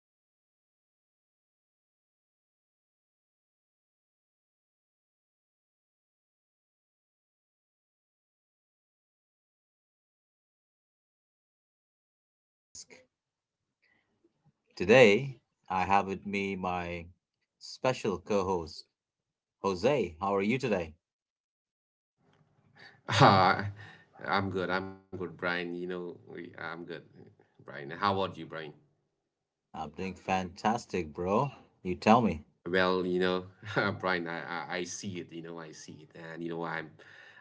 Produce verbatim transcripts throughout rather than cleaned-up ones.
your host, Brian, and I am holding a water bottle, a very normal, clear plastic water bottle. It's sitting right here on the desk. Today, I have with me my special co host, Jose. How are you today? Ah, I'm good. I'm good, Brian. You know, we, I'm good, Brian. How about you, Brian? I'm doing fantastic, bro. You tell me. Well, you know, Brian, I, I I see it. You know, I see it, and you know, I'm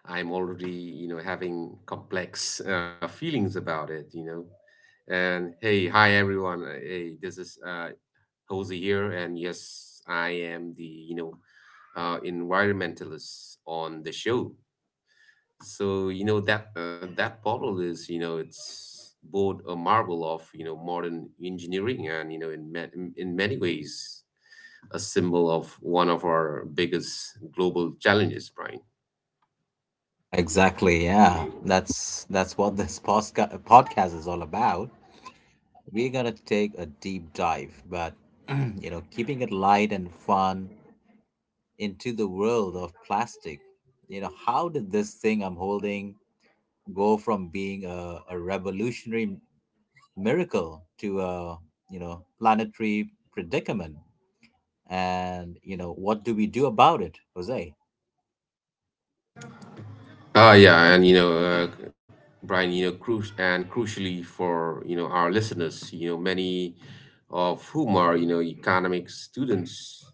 I'm already you know having complex uh, feelings about it. You know, and hey, hi everyone. Uh, Hey, this is uh, Jose here, and yes, I am the you know uh, environmentalist on the show. So, you know, that uh, that bottle is, you know, it's both a marvel of, you know, modern engineering and, you know, in ma- in in many ways a symbol of one of our biggest global challenges, Brian. Exactly, yeah. That's that's what this posca- podcast is all about. We're gonna take a deep dive, but you know, keeping it light and fun into the world of plastic. You know, how did this thing I'm holding go from being a, a revolutionary miracle to a you know planetary predicament? And you know, what do we do about it, Jose? Ah, yeah, and you know, uh, Brian, you know, cru and crucially for you know our listeners, you know, many of whom are you know economics students.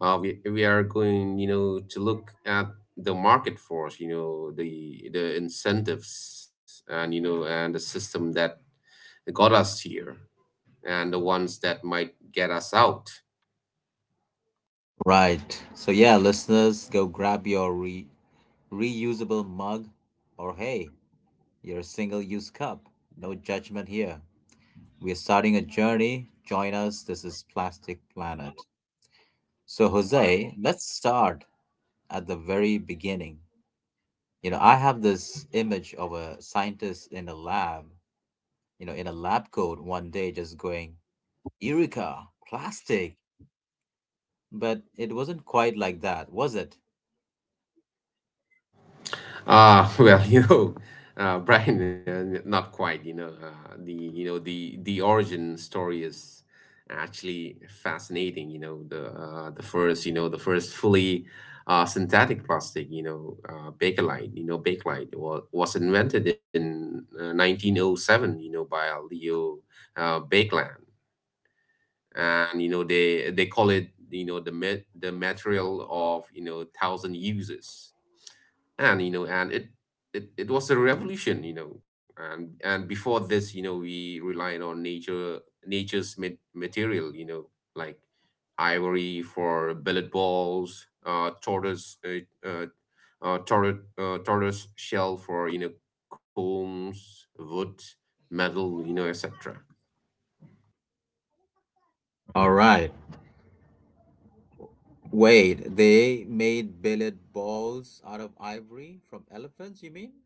Uh, we we are going you know to look at the market force, you know, the the incentives and you know and the system that got us here and the ones that might get us out. Right. So yeah, listeners, go grab your re- reusable mug or hey, your single-use cup. No judgment here. We are starting a journey. Join us. This is Plastic Planet. So, Jose, let's start at the very beginning. You know, I have this image of a scientist in a lab, you know, in a lab coat one day just going, Eureka, plastic. But it wasn't quite like that, was it? Uh, well, you know, uh, Brian, uh, n- not quite. You know, uh, the you know the the origin story is actually fascinating. You know, the uh, the first you know the first fully uh, synthetic plastic, you know, uh, Bakelite, you know, Bakelite was, was invented in uh, nineteen oh seven, you know, by Leo uh, Bakeland, and you know they they call it, you know, the met the material of, you know, thousand uses. And you know, and it it, it was a revolution, you know. and and before this, you know, we relied on nature, nature's ma- material, you know, like ivory for billet balls, uh tortoise, uh, uh, uh, tortoise, uh, tortoise shell for, you know, combs, wood, metal, you know, etc. All right. Wait, they made billiard balls out of ivory from elephants, you mean?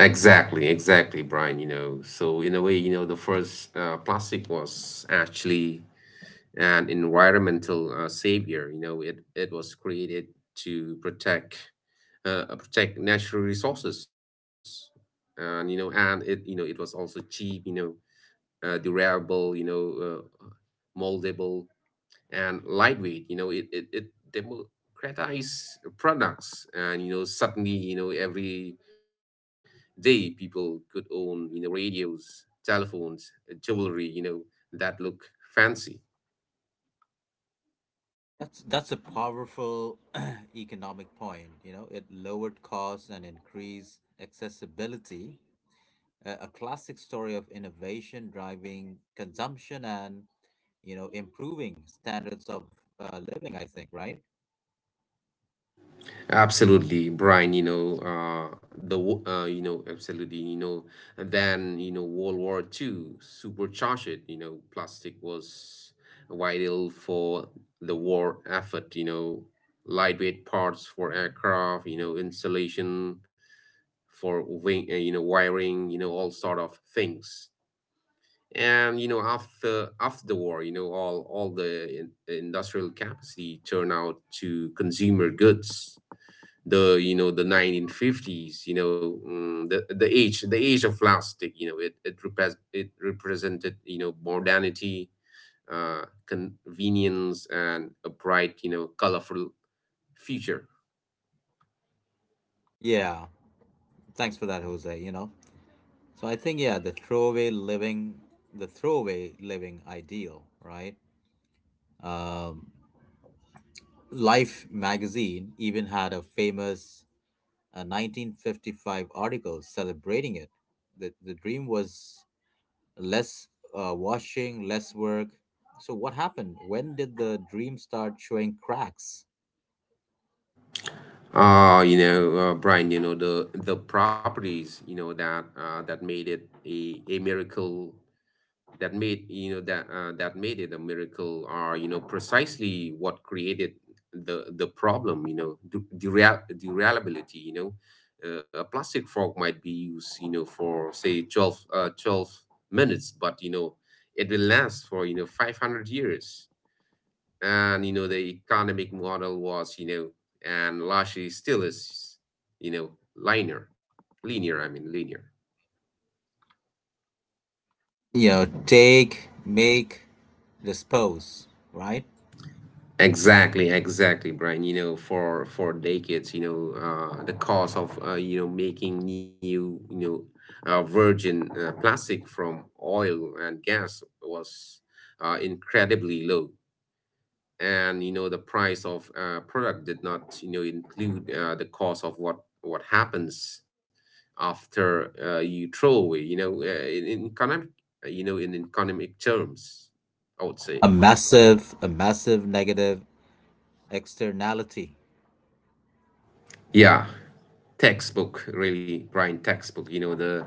Exactly, exactly, Brian. You know, so in a way, you know, the first uh, plastic was actually an environmental uh, savior. You know, it, it was created to protect uh, uh, protect natural resources, and you know, and it you know it was also cheap. You know, uh, durable. You know, uh, moldable and lightweight. You know, it it, it democratized products, and you know, suddenly you know every day people could own, you know, radios, telephones, jewelry, you know, that look fancy. That's that's a powerful economic point. You know, it lowered costs and increased accessibility. A, a classic story of innovation driving consumption and you know improving standards of uh, living. I think, right? Absolutely, Brian. You know, uh, the wo- uh, you know, absolutely. You know, and then you know, World War Two supercharged it. You know, plastic was vital for the war effort. You know, lightweight parts for aircraft, you know, insulation for wing. Uh, you know, wiring. You know, all sort of things. And you know, after after the war, you know, all all the in, industrial capacity turned out to consumer goods, the you know the nineteen fifties, you know. Mm, the the age the age of plastic, you know, it it repres it represented, you know, modernity, uh convenience, and a bright, you know, colorful future. Yeah. Thanks for that, Jose. You know, so I think yeah, the throwaway living, the throwaway living ideal, right? Um, Life magazine even had a famous a nineteen fifty-five article celebrating it. The, the dream was less uh, washing, less work. So, what happened? When did the dream start showing cracks? Uh you know uh, brian, you know, the the properties you know that uh that made it a a miracle, that made you know that uh, that made it a miracle are, you know, precisely what created the the problem, you know. Du- dura- durability, you know, uh, a plastic fork might be used, you know, for say twelve uh, twelve minutes, but you know it will last for, you know, five hundred years. And you know the economic model was, you know, and largely still is, you know, linear. Linear i mean linear. You know, take, make, dispose, right? Exactly, exactly, Brian. You know, for for decades, you know, uh, the cost of uh, you know making new, you know, uh, virgin uh, plastic from oil and gas was uh, incredibly low, and you know the price of uh, product did not, you know, include uh, the cost of what what happens after uh, you throw away. You know, uh, in, in economic, you know, in economic terms, I would say. A massive, a massive negative externality. Yeah, textbook, really, Brian. Textbook, you know. the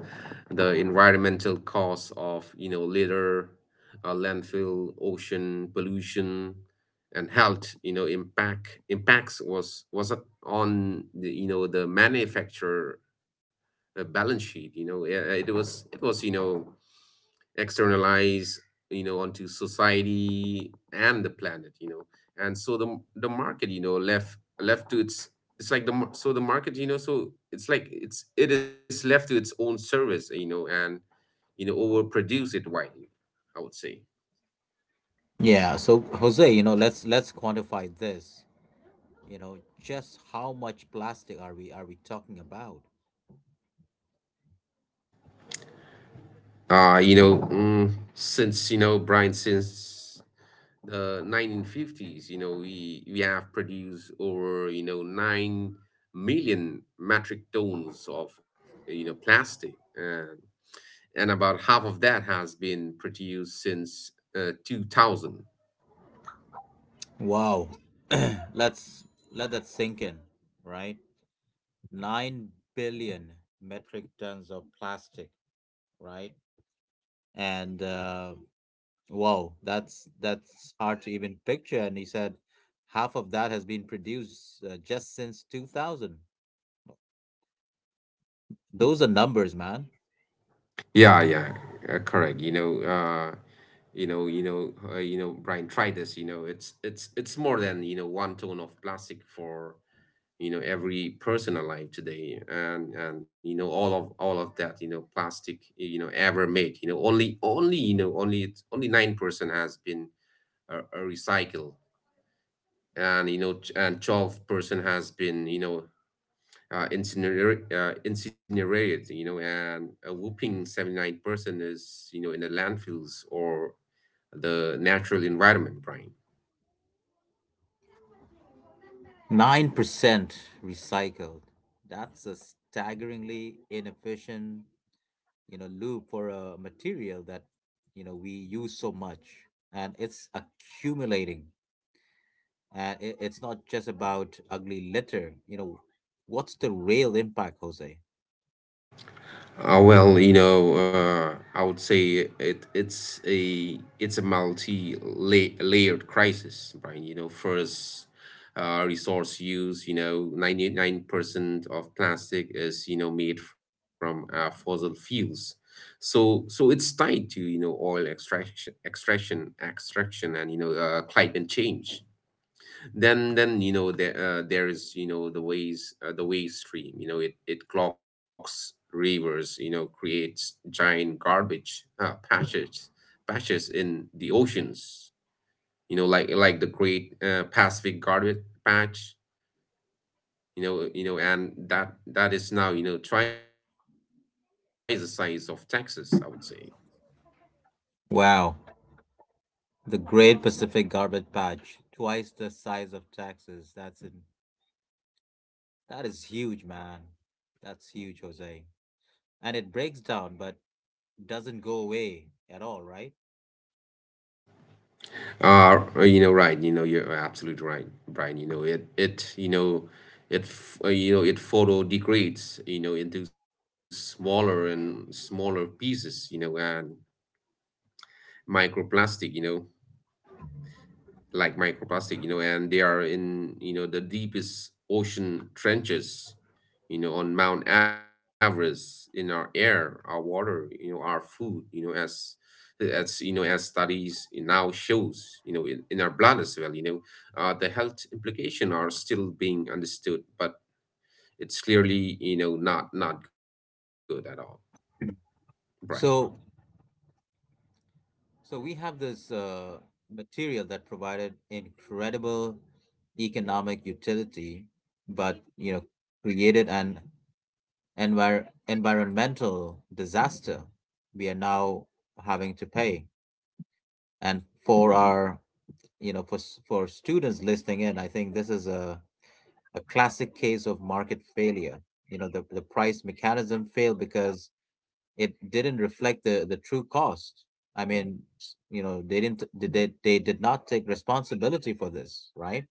the environmental costs of, you know, litter, uh, landfill, ocean pollution, and health, you know, impact impacts was was on the, you know, the manufacturer uh, balance sheet, you know. Yeah, it was it was you know externalize, you know, onto society and the planet, you know. And so the the market, you know, left left to its it's like the mar- so the market you know so it's like it's it is left to its own service, you know, and you know overproduce it widely, I would say. Yeah, so Jose, you know, let's let's quantify this. You know, just how much plastic are we are we talking about? uh you know mm, since you know Brian, since the nineteen fifties, you know, we we have produced over you know nine million metric tons of, you know, plastic, uh, and about half of that has been produced since uh, two thousand. Wow. Let's let that sink in, right? nine billion metric tons of plastic, right? And uh, wow, that's that's hard to even picture. And he said half of that has been produced uh, just since two thousand. Those are numbers, man. Yeah, yeah, uh, correct. You know, uh, you know, you know, uh, you know, Brian, try this. You know, it's it's it's more than you know one ton of plastic for, you know, every person alive today. and and you know all of all of that, you know, plastic you know ever made. You know, only only you know only it's only nine percent has been uh, uh, recycled, and you know, t- and twelve percent has been, you know, uh, incinerate, uh, incinerated, you know. And a whooping seventy-nine percent is, you know, in the landfills or the natural environment, Brian. nine percent recycled. That's a staggeringly inefficient, you know, loop for a material that, you know, we use so much and it's accumulating. And it, it's not just about ugly litter. You know, what's the real impact, Jose? Uh, well, you know, uh, I would say it it's a it's a multi layered crisis, Brian. You know, first, uh, resource use. You know, ninety nine percent of plastic is you know made from uh, fossil fuels, so so it's tied to you know oil extraction, extraction, extraction, and you know uh, climate change. Then then you know there uh, there is, you know, the ways uh, the waste stream, you know. It it clogs rivers, you know, creates giant garbage uh, patches patches in the oceans, you know, like like the great uh, Pacific garbage patch, you know you know. And that that is now, you know, twice the size of Texas, I would say. Wow. The Great Pacific Garbage Patch, twice the size of Texas. That's in, that is huge, man. That's huge, Jose. And it breaks down but doesn't go away at all, right? Ah, Uh, you know, right. You know, you're absolutely right, Brian. You know, it, it, you know, it, f- uh, you know, it photo degrades, you know, into smaller and smaller pieces, you know, and microplastic, you know, like microplastic, you know, and they are in, you know, the deepest ocean trenches, you know, on Mount Everest, in our air, our water, you know, our food, you know, as as you know, as studies now shows, you know, in, in our blood as well, you know. Uh, the health implication are still being understood, but it's clearly, you know, not not good at all, Brian. So, so we have this uh, material that provided incredible economic utility, but you know, created an envir- environmental disaster. We are now having to pay, and for our you know, for s- for students listening in, I think this is a a classic case of market failure. You know, the the price mechanism failed because it didn't reflect the the true cost. I mean, you know, they didn't did they they did not take responsibility for this, right?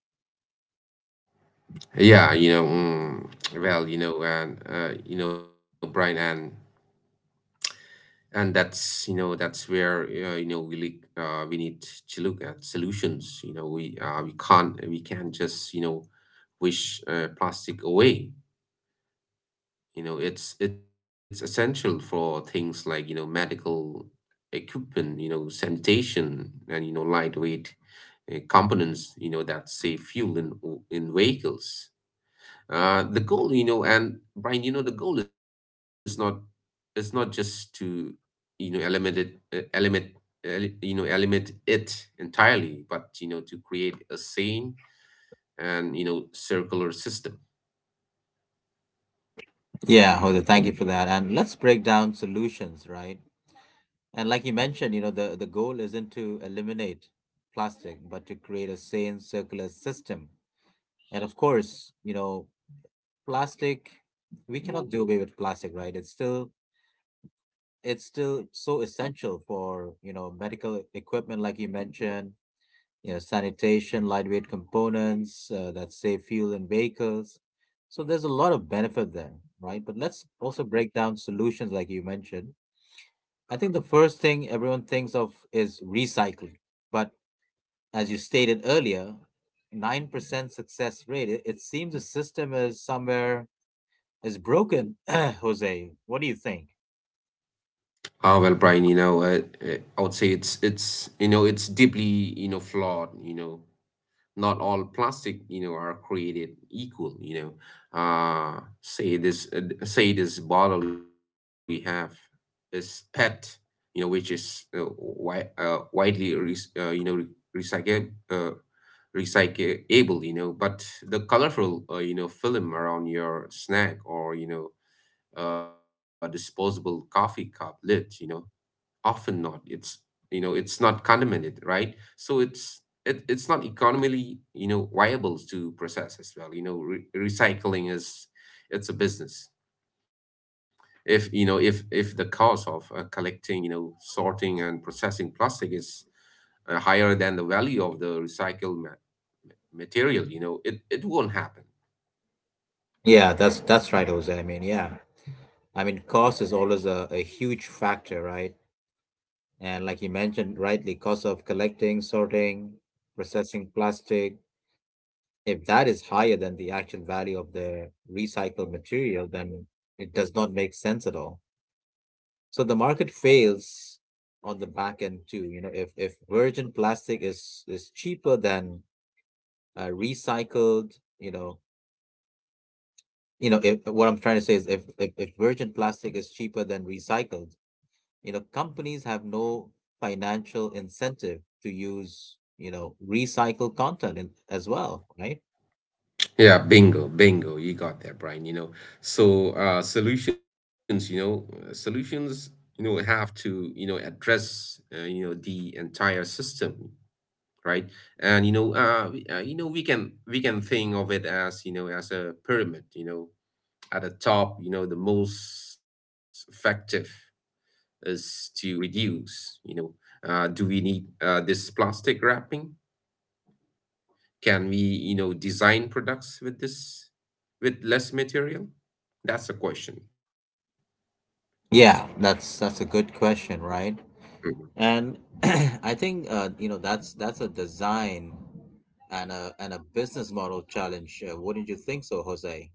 Yeah, you know, mm, well, you know, and uh, you know, Brian, and and that's you know that's where uh, you know we look. Uh, we need to look at solutions, you know. We uh, we can't we can't just, you know, wish uh, plastic away, you know. it's it's essential for things like, you know, medical equipment, you know, sanitation, and you know lightweight uh, components, you know, that save fuel in in vehicles. Uh the goal, you know, and Brian, you know, the goal is not, it's not just to, you know, eliminated uh, eliminate el- you know eliminate it entirely, but you know to create a sane and you know circular system. Yeah, Hoda, thank you for that. And let's break down solutions, right? And like you mentioned, you know, the the goal isn't to eliminate plastic, but to create a sane circular system. And of course, you know, plastic we cannot do away with plastic, right? It's still it's still so essential for, you know, medical equipment like you mentioned you know, sanitation, lightweight components uh, that save fuel in vehicles. So there's a lot of benefit there, right? But let's also break down solutions like you mentioned. I think the first thing everyone thinks of is recycling. But as you stated earlier, nine percent success rate, it, it seems the system is somewhere is broken, Jose. What do you think? Ah, well, Brian, you know, uh, uh, I would say it's it's you know it's deeply you know flawed, you know. Not all plastic you know are created equal, you know. Uh say this uh, say this bottle you have is P E T, you know, which is uh, wi- uh, widely re- uh, you know re- recycle uh, recyclable, you know. But the colorful uh, you know film around your snack or you know uh, disposable coffee cup lid, you know, often not. It's you know It's not condemned, right? So it's, it, it's not economically, you know, viable to process as well, you know. Re- recycling is, it's a business. If you know if if the cost of uh, collecting, you know, sorting, and processing plastic is uh, higher than the value of the recycled ma- material, you know, it it won't happen. Yeah, that's that's right, Jose. I mean, yeah. I mean, cost is always a, a huge factor, right? And like you mentioned rightly, cost of collecting, sorting, processing plastic, if that is higher than the actual value of the recycled material, then it does not make sense at all. So the market fails on the back end too. You know, if if virgin plastic is is cheaper than uh, recycled, you know, you know, if what I'm trying to say is if if, if virgin plastic is cheaper than recycled, you know companies have no financial incentive to use you know recycled content in, as well right Yeah, bingo, bingo. You got that, Brian. You know, so uh, solutions, you know, uh, solutions, you know, have to, you know, address, uh, you know, the entire system, right? And you know, uh, we- uh, you know, we can we can think of it as, you know, as a pyramid. You know, at the top, you know, the most effective is to reduce. You know, uh, do we need uh, this plastic wrapping? Can we, you know, design products with this, with less material? That's a question. yeah that's that's a good question right Mhm. and I think uh, you know that's that's a design and a and a business model challenge uh, wouldn't you think so jose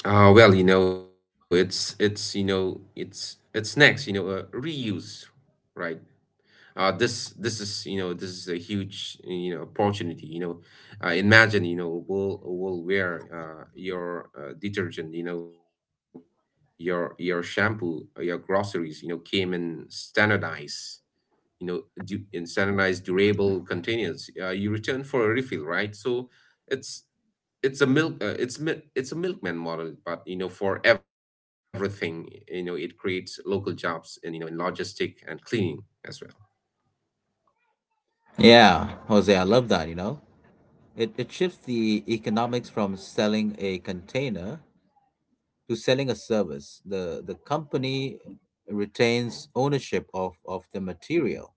Uh, well, you know, it's it's you know it's it's next, you know, uh, reuse, right? Uh, this this is you know this is a huge, you know, opportunity. You know, uh, imagine you know we'll we'll wear uh, your uh, detergent, you know, your your shampoo, uh, your groceries, you know, came in standardized you know, du- in standardized durable containers. Uh, you return for a refill, right? So it's it's a milk uh, it's mi- it's a milkman model, but you know, for everything, you know, it creates local jobs in you know in logistic and cleaning as well. yeah jose I love that you know it, it shifts the economics from selling a container to selling a service the the company retains ownership of, of the material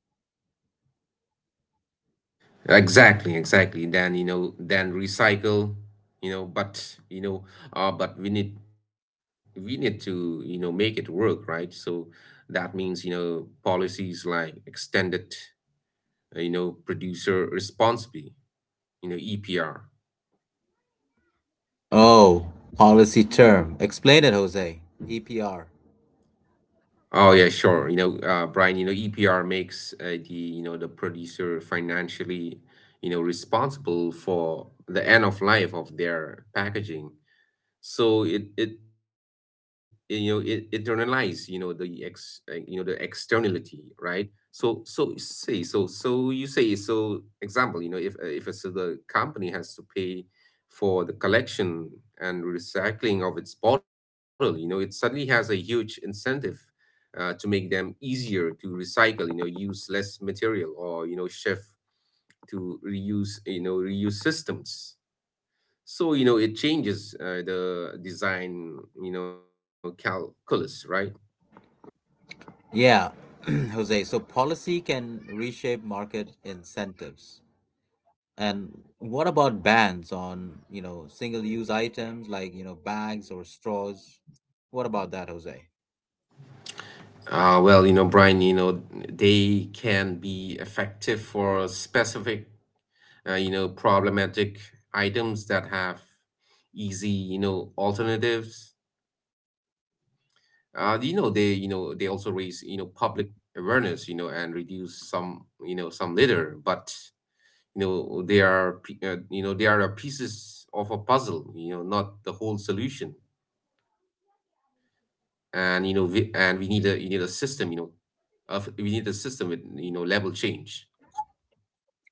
Exactly, exactly. Then you know, then recycle, you know, but you know, uh, but we need we need to you know make it work, right? So that means you know policies like extended, uh, you know, producer responsibility, you know, E P R. Oh, policy term. Explain it, Jose. E P R. Oh yeah, sure. You know, uh, Brian, you know E P R makes uh, the you know the producer financially you know responsible for the end of life of their packaging. So it it you know it internalize you know the ex uh, you know the externality, right. So so say so so you say so example, you know if uh, if it's, uh, the company has to pay for the collection and recycling of its bottle, you know it suddenly has a huge incentive uh, to make them easier to recycle, you know use less material, or you know shift to reuse, you know reuse systems. So, you know, it changes uh, the design, you know, calculus, right? Yeah, Jose. So policy can reshape market incentives. And what about bans on, you know, single-use items like, you know, bags or straws? What about that, Jose? Uh, well, you know, Brian, you know, they can be effective for specific, uh, you know, problematic items that have easy, you know, alternatives. Uh, you know, they, you know, they also raise, you know, public awareness, you know, and reduce some, you know, some litter. But, you know, they are, p- uh, you know, they are a pieces of a puzzle, you know, not the whole solution. and you know we, and we need a — you need a system, you know of we need a system with you know level change.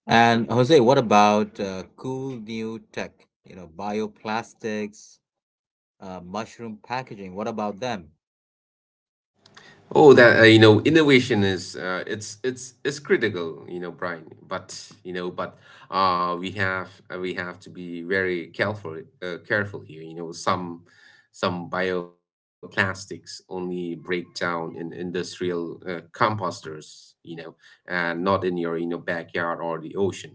And Jose, what about uh, cool new tech? You know, bioplastics, uh, mushroom packaging. What about them? Oh that uh, you know Innovation is — uh, it's it's it's critical, you know, Brian, but you know but uh we have uh, we have to be very careful uh, careful here. You know, some — some bioplastics only break down in industrial uh, composters, you know, and not in your you know backyard or the ocean.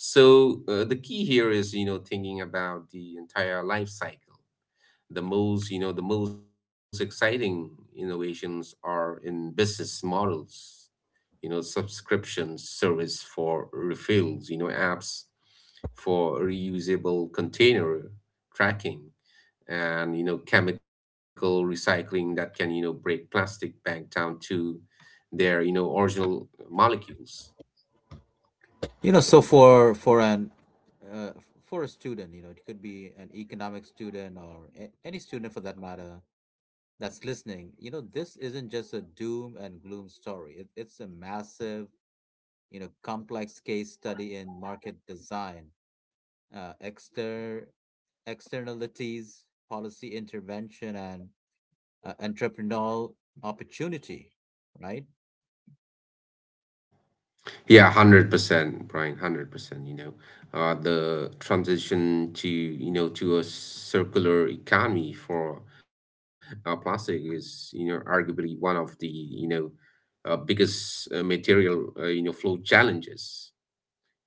So uh, the key here is, you know, thinking about the entire life cycle. The most, you know, the most exciting innovations are in business models, you know, subscription service for refills, you know, apps for reusable container tracking, and, you know, chemical recycling that can, you know, break plastic back down to their, you know, original molecules. You know, so for for an uh, for a student, you know, it could be an economic student or a- any student for that matter that's listening. You know, this isn't just a doom and gloom story. It, it's a massive, you know, complex case study in market design, uh, exter externalities, policy intervention, and uh, entrepreneurial opportunity, right? Yeah, one hundred percent, Brian, one hundred percent, you know. Uh, the transition to, you know, to a circular economy for uh, plastic is, you know, arguably one of the, you know, uh, biggest uh, material, uh, you know, flow challenges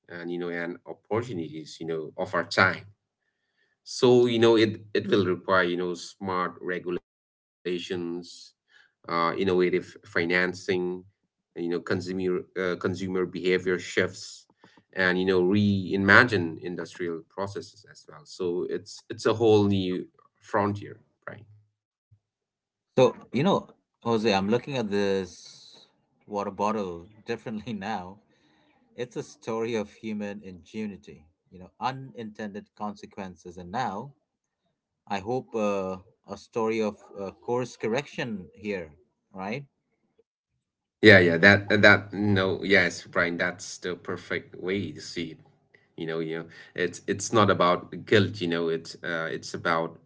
and, you know, and opportunities, you know, of our time. So, you know, it, it will require, you know, smart regulations, uh, innovative financing, you know, consumer uh, consumer behavior shifts, and, you know, reimagine industrial processes as well. So it's it's a whole new frontier, right? So, you know, Jose, I'm looking at this water bottle differently now. It's a story of human ingenuity, you know, unintended consequences. And now I hope uh, a story of uh, course correction here, right? Yeah, yeah, that uh, that no, yes, Brian, that's the perfect way to see it. You know, you know, it's it's not about guilt, you know, it's uh it's about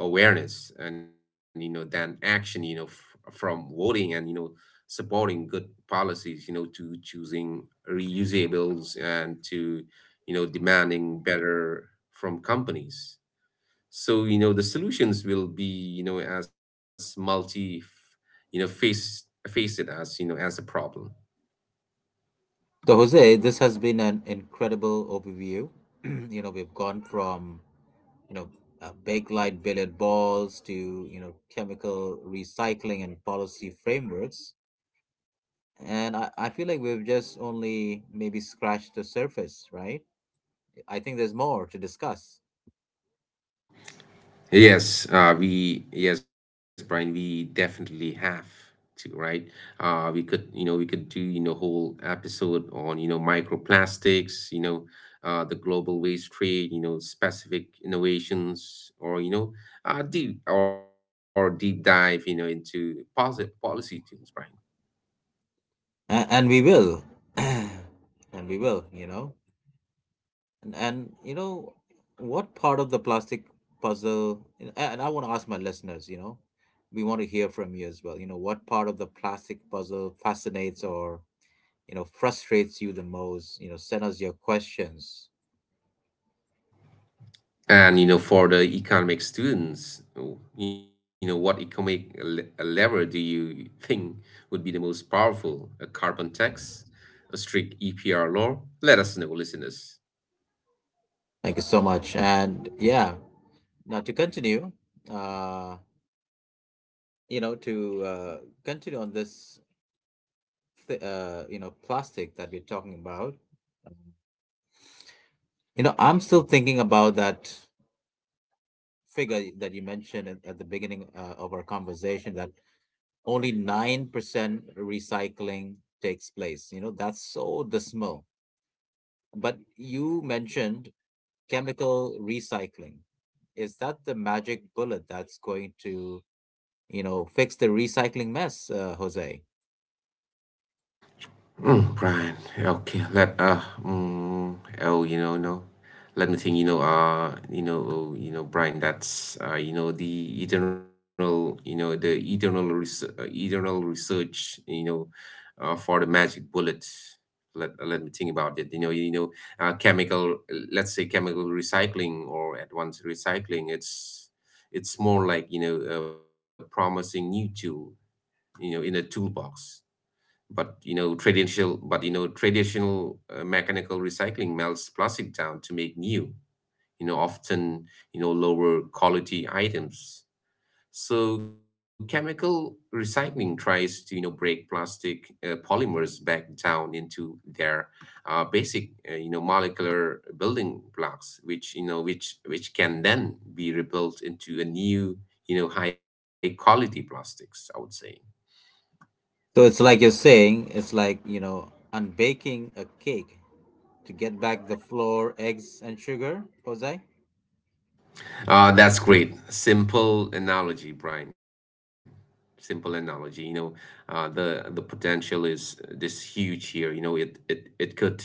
awareness and, you know, then action, you know, f from voting and, you know, supporting good policies, you know, to choosing reusables and to you know demanding better from companies. So, you know, the solutions will be, you know, as multi, you know, face face it as, you know, as a problem. So Jose, this has been an incredible overview. you know, we've gone from you know uh, bakelite billiard balls to you know chemical recycling and policy frameworks, and I, I feel like we've just only maybe scratched the surface, right? I think there's more to discuss, Yes, uh, we yes, Brian, we definitely have to, right? Uh, we could, you know, we could do, you know, whole episode on, you know, microplastics, you know, uh, the global waste trade, you know, specific innovations, or, you know, uh, deep or deep dive, you know, into policy policy tools, Brian. and, and we will, and we will. You know, And, and you know, what part of the plastic puzzle, and and I want to ask my listeners, you know, we want to hear from you as well. You know, what part of the plastic puzzle fascinates or, you know, frustrates you the most? You know, send us your questions. And, you know, for the economic students, you know, what economic le- lever do you think would be the most powerful? A carbon tax, a strict E P R law? Let us know, listeners. Thank you so much. And yeah, now to continue, uh, you know, to uh, continue on this, th- uh, you know, plastic that we're talking about, you know, I'm still thinking about that figure that you mentioned at, at the beginning uh, of our conversation that only nine percent recycling takes place. You know, that's so dismal. But you mentioned chemical recycling. Is that the magic bullet that's going to, you know, fix the recycling mess, uh, Jose? Mm, Brian. Okay, let uh, mm, oh, you know, no, Let me think. You know, uh, you know, oh, you know, Brian. That's uh, you know, the eternal, you know, the eternal, res- uh, eternal research. You know, uh, for the magic bullet. Let uh, let me think about it. You know, you know, uh, chemical. Let's say chemical recycling or advanced recycling. It's it's more like, you know, a promising new tool. You know, in the toolbox. But you know traditional but you know traditional uh, mechanical recycling melts plastic down to make new, you know often, you know lower quality items. So chemical recycling tries to, you know, break plastic uh, polymers back down into their uh, basic, uh, you know molecular building blocks, which, you know which which can then be rebuilt into a new, you know high quality plastics, I would say. So it's like you're saying, it's like, you know, unbaking a cake to get back the flour, eggs, and sugar, Jose? Uh, that's great. Simple analogy, Brian. Simple analogy. You know, uh, the the potential is this huge here. You know, it it it could —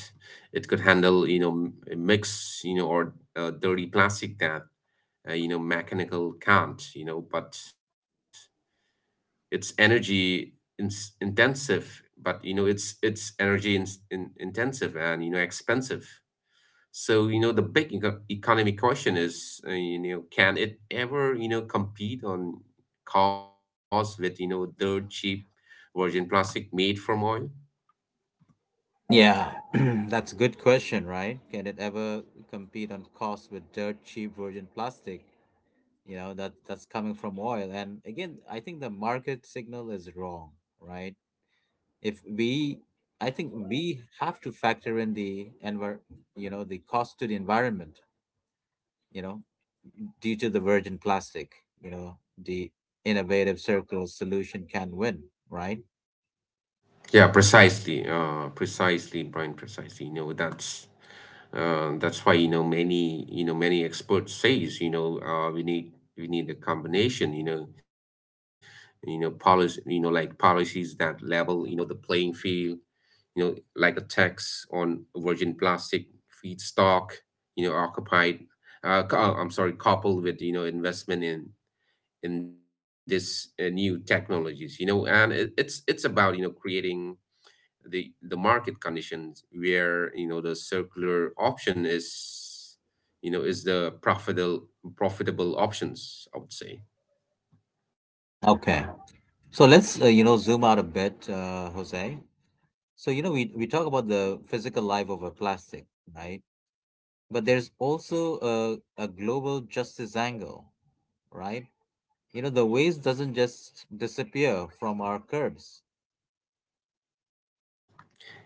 it could handle, you know, m- mix, you know, or uh, dirty plastic that uh, you know mechanical can't. You know, but it's energy in- intensive. But you know, it's it's energy in, in, intensive and, you know, expensive. So, you know, the big eco- economic question is, uh, you know, can it ever, you know, compete on cost with, you know, dirt cheap virgin plastic made from oil? Yeah, that's a good question, right? Can it ever compete on cost with dirt cheap virgin plastic? You know, that that's coming from oil. And again, I think the market signal is wrong, right? If we I think we have to factor in the envir you know, the cost to the environment, you know, due to the virgin plastic, you know, the innovative circular solution can win, right? Yeah, precisely. Uh, precisely, Brian, precisely. You know, that's uh, that's why, you know, many, you know, many experts says, you know, uh, we need we need a combination, you know, you know, policy, you know, like policies that level, you know, the playing field, you know, like a tax on virgin plastic feedstock, you know, occupied, uh, co- uh, I'm sorry, coupled with, you know, investment in in this uh, new technologies, you know, and it, it's it's about, you know, creating the the market conditions where, you know, the circular option is, you know, is the profitable profitable options, I would say. Okay. So let's uh, you know zoom out a bit, uh, Jose. So, you know, we we talk about the physical life of a plastic, right? But there's also a, a global justice angle, right? You know, the waste doesn't just disappear from our curbs.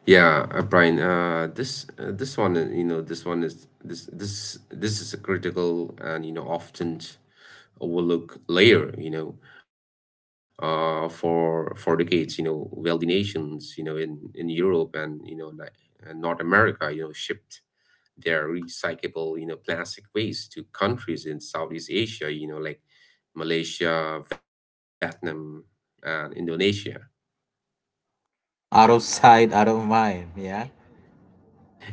Yeah, uh, Brian. Uh, this uh, this one, uh, you know, this one is this this this is a critical and, you know, often overlooked layer, you know. uh, for for decades, you know, wealthy nations, you know, in in Europe and, you know, like, uh, North America, you know, shipped their recyclable, you know, plastic waste to countries in Southeast Asia, you know, like Malaysia, Vietnam, and Indonesia. Out of sight, out of mind, yeah?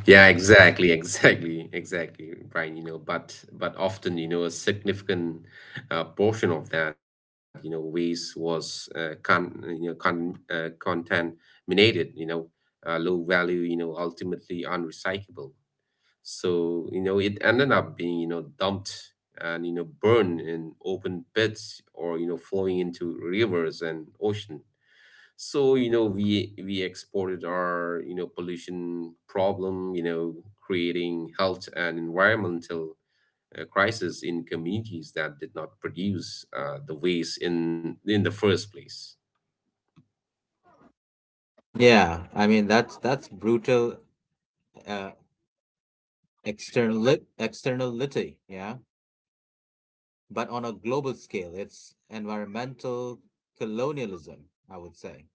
Yeah, exactly, exactly, exactly, Brian. You know, but but often, you know, a significant uh, portion of that, you know, waste was uh, con uh, you know con uh, contaminated. You know, uh, low value. You know, ultimately unrecyclable. So, you know, it ended up being, you know, dumped and, you know, burned in open pits or, you know, flowing into rivers and ocean. So, you know, we we exported our, you know, pollution problem, you know, creating health and environmental uh, crisis in communities that did not produce uh, the waste in in the first place. Yeah, I mean that's that's brutal uh, external externality, yeah? But on a global scale, it's environmental colonialism, I would say.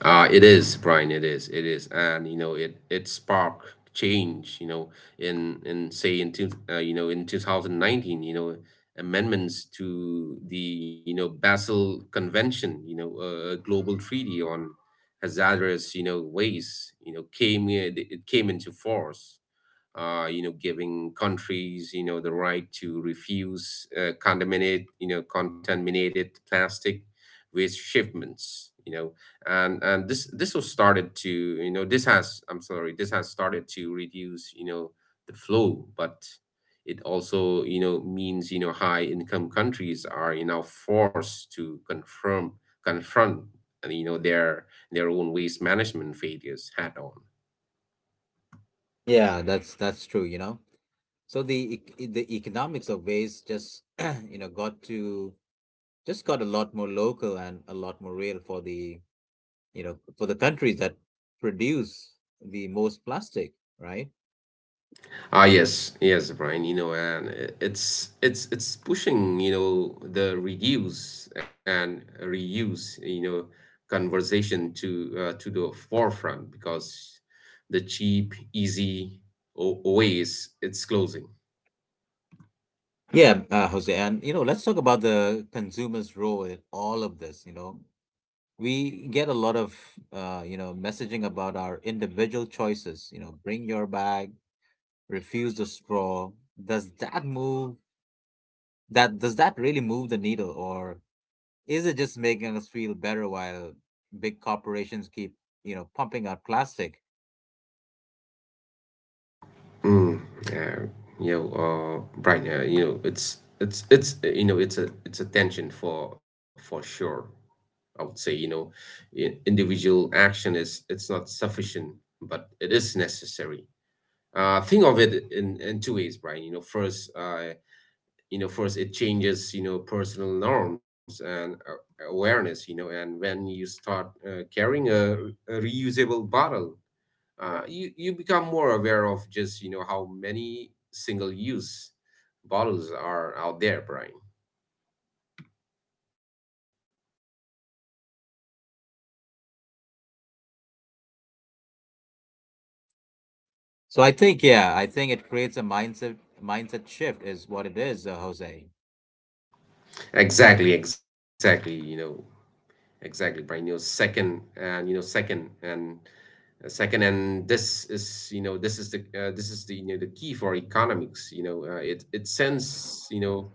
Uh, it is, Brian. It is. It is, and, you know, it it sparked change. You know, in in say in two, uh, you know in two thousand nineteen, you know, amendments to the, you know, Basel Convention, you know, a a global treaty on hazardous, you know, waste, you know, came uh, it it came into force, uh, you know, giving countries, you know, the right to refuse uh, contaminated, you know, contaminated plastic waste shipments, you know, and and this this was started to, you know, this has, I'm sorry, this has started to reduce, you know, the flow, but it also, you know, means, you know, high income countries are, you know, forced to confirm confront, you know, their their own waste management failures head on. Yeah, that's that's true, you know. So the ec- the economics of waste just you know got to just got a lot more local and a lot more real for the you know for the countries that produce the most plastic, right? Ah, yes, yes, Brian. You know, and i- it's it's it's pushing, you know, the reduce and reuse, you know, conversation to uh, to the forefront because the cheap, easy o- ways it's closing. Yeah, uh, Jose, and you know let's talk about the consumer's role in all of this. You know we get a lot of uh, you know messaging about our individual choices. You know, bring your bag, refuse the straw. Does that move? That does that really move the needle, or Is it just making us feel better while big corporations keep, you know, pumping out plastic? Mm, yeah, you know, uh, Brian, uh, you know, it's it's it's uh, you know, it's a it's a tension for for sure. I would say, you know, i- individual action is it's not sufficient, but it is necessary. Uh, think of it in in two ways, Brian. You know, first, uh, you know, first it changes, you know, personal norms and uh, awareness. You know, and when you start uh, carrying a, a reusable bottle, uh, you you become more aware of just, you know, how many single use bottles are out there, Brian. So I think, yeah, I think it creates a mindset mindset shift is what it is, uh, Jose. exactly exactly you know exactly, Brian. You know, second and you know, second and uh, second, and this is, you know, this is the, uh, this is the, you know, the key for economics. You know, uh, it it sends, you know,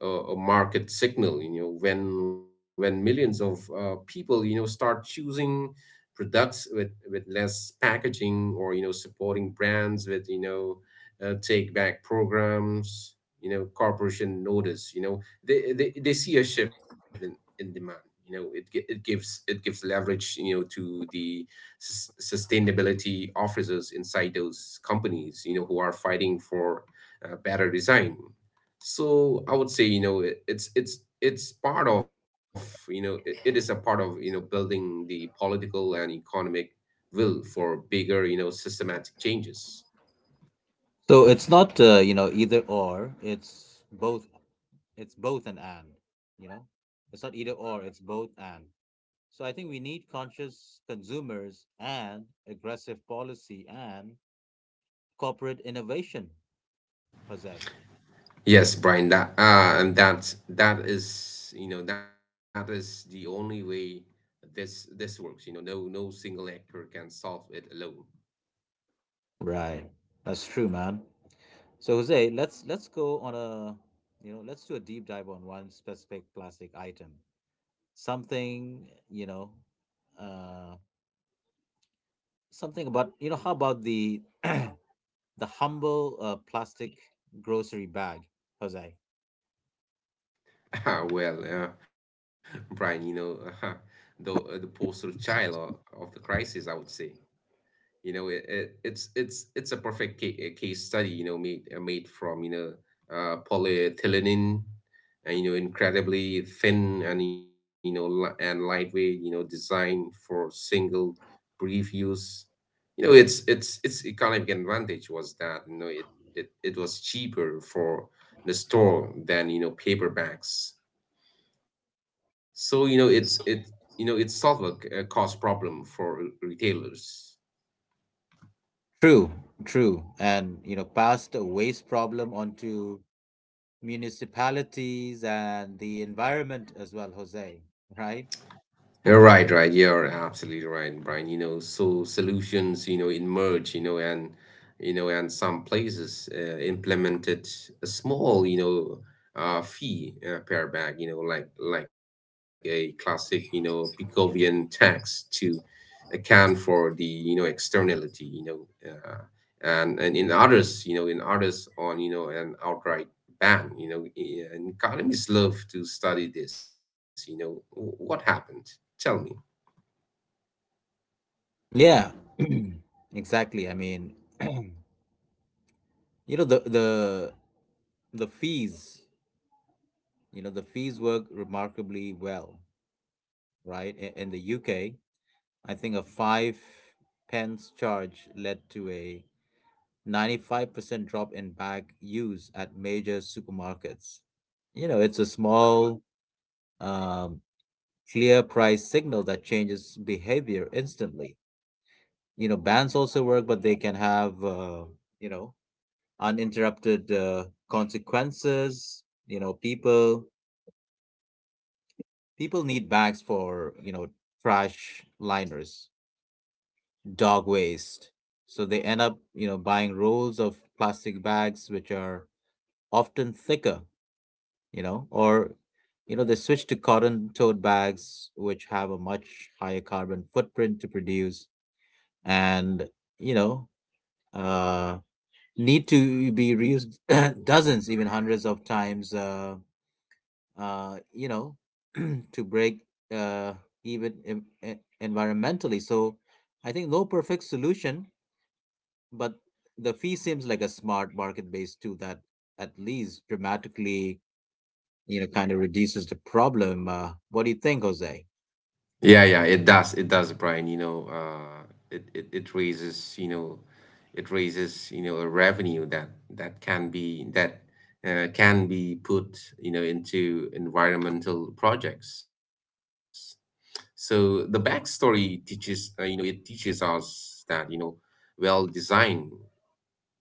a, a market signal. You know, when when millions of uh, people you know start choosing products with with less packaging, or you know supporting brands with you know uh, take back programs. You know, corporation notice. You know, they they, they see a shift in in demand. You know, it gi- it gives it gives leverage, you know, to the sus- sustainability officers inside those companies, you know, who are fighting for uh, better design. So I would say, you know, it, it's it's it's part of, you know, it, it is a part of, you know, building the political and economic will for bigger, you know, systematic changes. So it's not, uh, you know, either or. It's both. It's both an and. You know, it's not either or. It's both and. So I think we need conscious consumers and aggressive policy and corporate innovation, Jose. Yes, Brian, that uh, and that's that is you know that is the only way this this works. You know, no no single actor can solve it alone. Right. That's true, man. So Jose, let's let's go on a you know let's do a deep dive on one specific plastic item. Something you know, uh, something about you know how about the the humble uh, plastic grocery bag, Jose? Ah, well, uh, Brian, you know, the uh, the poster child o- of the crisis, I would say. You know it, it, it's it's it's a perfect case, a case study, you know made uh, made from you know uh, polyethylene, and you know incredibly thin and you know li- and lightweight, you know designed for single brief use. You know it's it's Its economic advantage was that you know it it, it was cheaper for the store than you know paper bags, so you know it's it you know it solved a, c- a cost problem for re- retailers. True, true, and you know passed a waste problem onto municipalities and the environment as well, Jose. Right? You're right, right. You're absolutely right, Brian. You know, so solutions, you know, emerge, you know, and you know, and some places uh, implemented a small, you know, uh, fee uh, per bag, you know, like like a classic, you know, Picovian tax to account for the, you know, externality, you know, uh, and and in others, you know, in others on, you know, an outright ban, you know, e- and economists love to study this, you know, W- what happened? Tell me. Yeah, exactly. I mean, you know the the the fees, you know, the fees work remarkably well, right? I- In the U K, I think a five pence charge led to a ninety-five percent drop in bag use at major supermarkets. You know, it's a small, um, clear price signal that changes behavior instantly. You know, bans also work, but they can have, uh, you know, uninterrupted uh, consequences. You know, people People need bags for, you know, trash liners, dog waste. So they end up, you know, buying rolls of plastic bags, which are often thicker, you know, or, you know, they switch to cotton tote bags, which have a much higher carbon footprint to produce and, you know, uh, need to be reused dozens, even hundreds of times. Uh, uh, you know, to break uh, even em- e- environmentally. So I think no perfect solution, but the fee seems like a smart market based tool that at least dramatically, you know, kind of reduces the problem. Uh, what do you think, Jose? Yeah, yeah, it does. It does, Brian. You know, uh, it, it it raises, you know, it raises, you know, a revenue that that can be that uh, can be put, you know, into environmental projects. So the backstory teaches, uh, you know, it teaches us that, you know, well designed,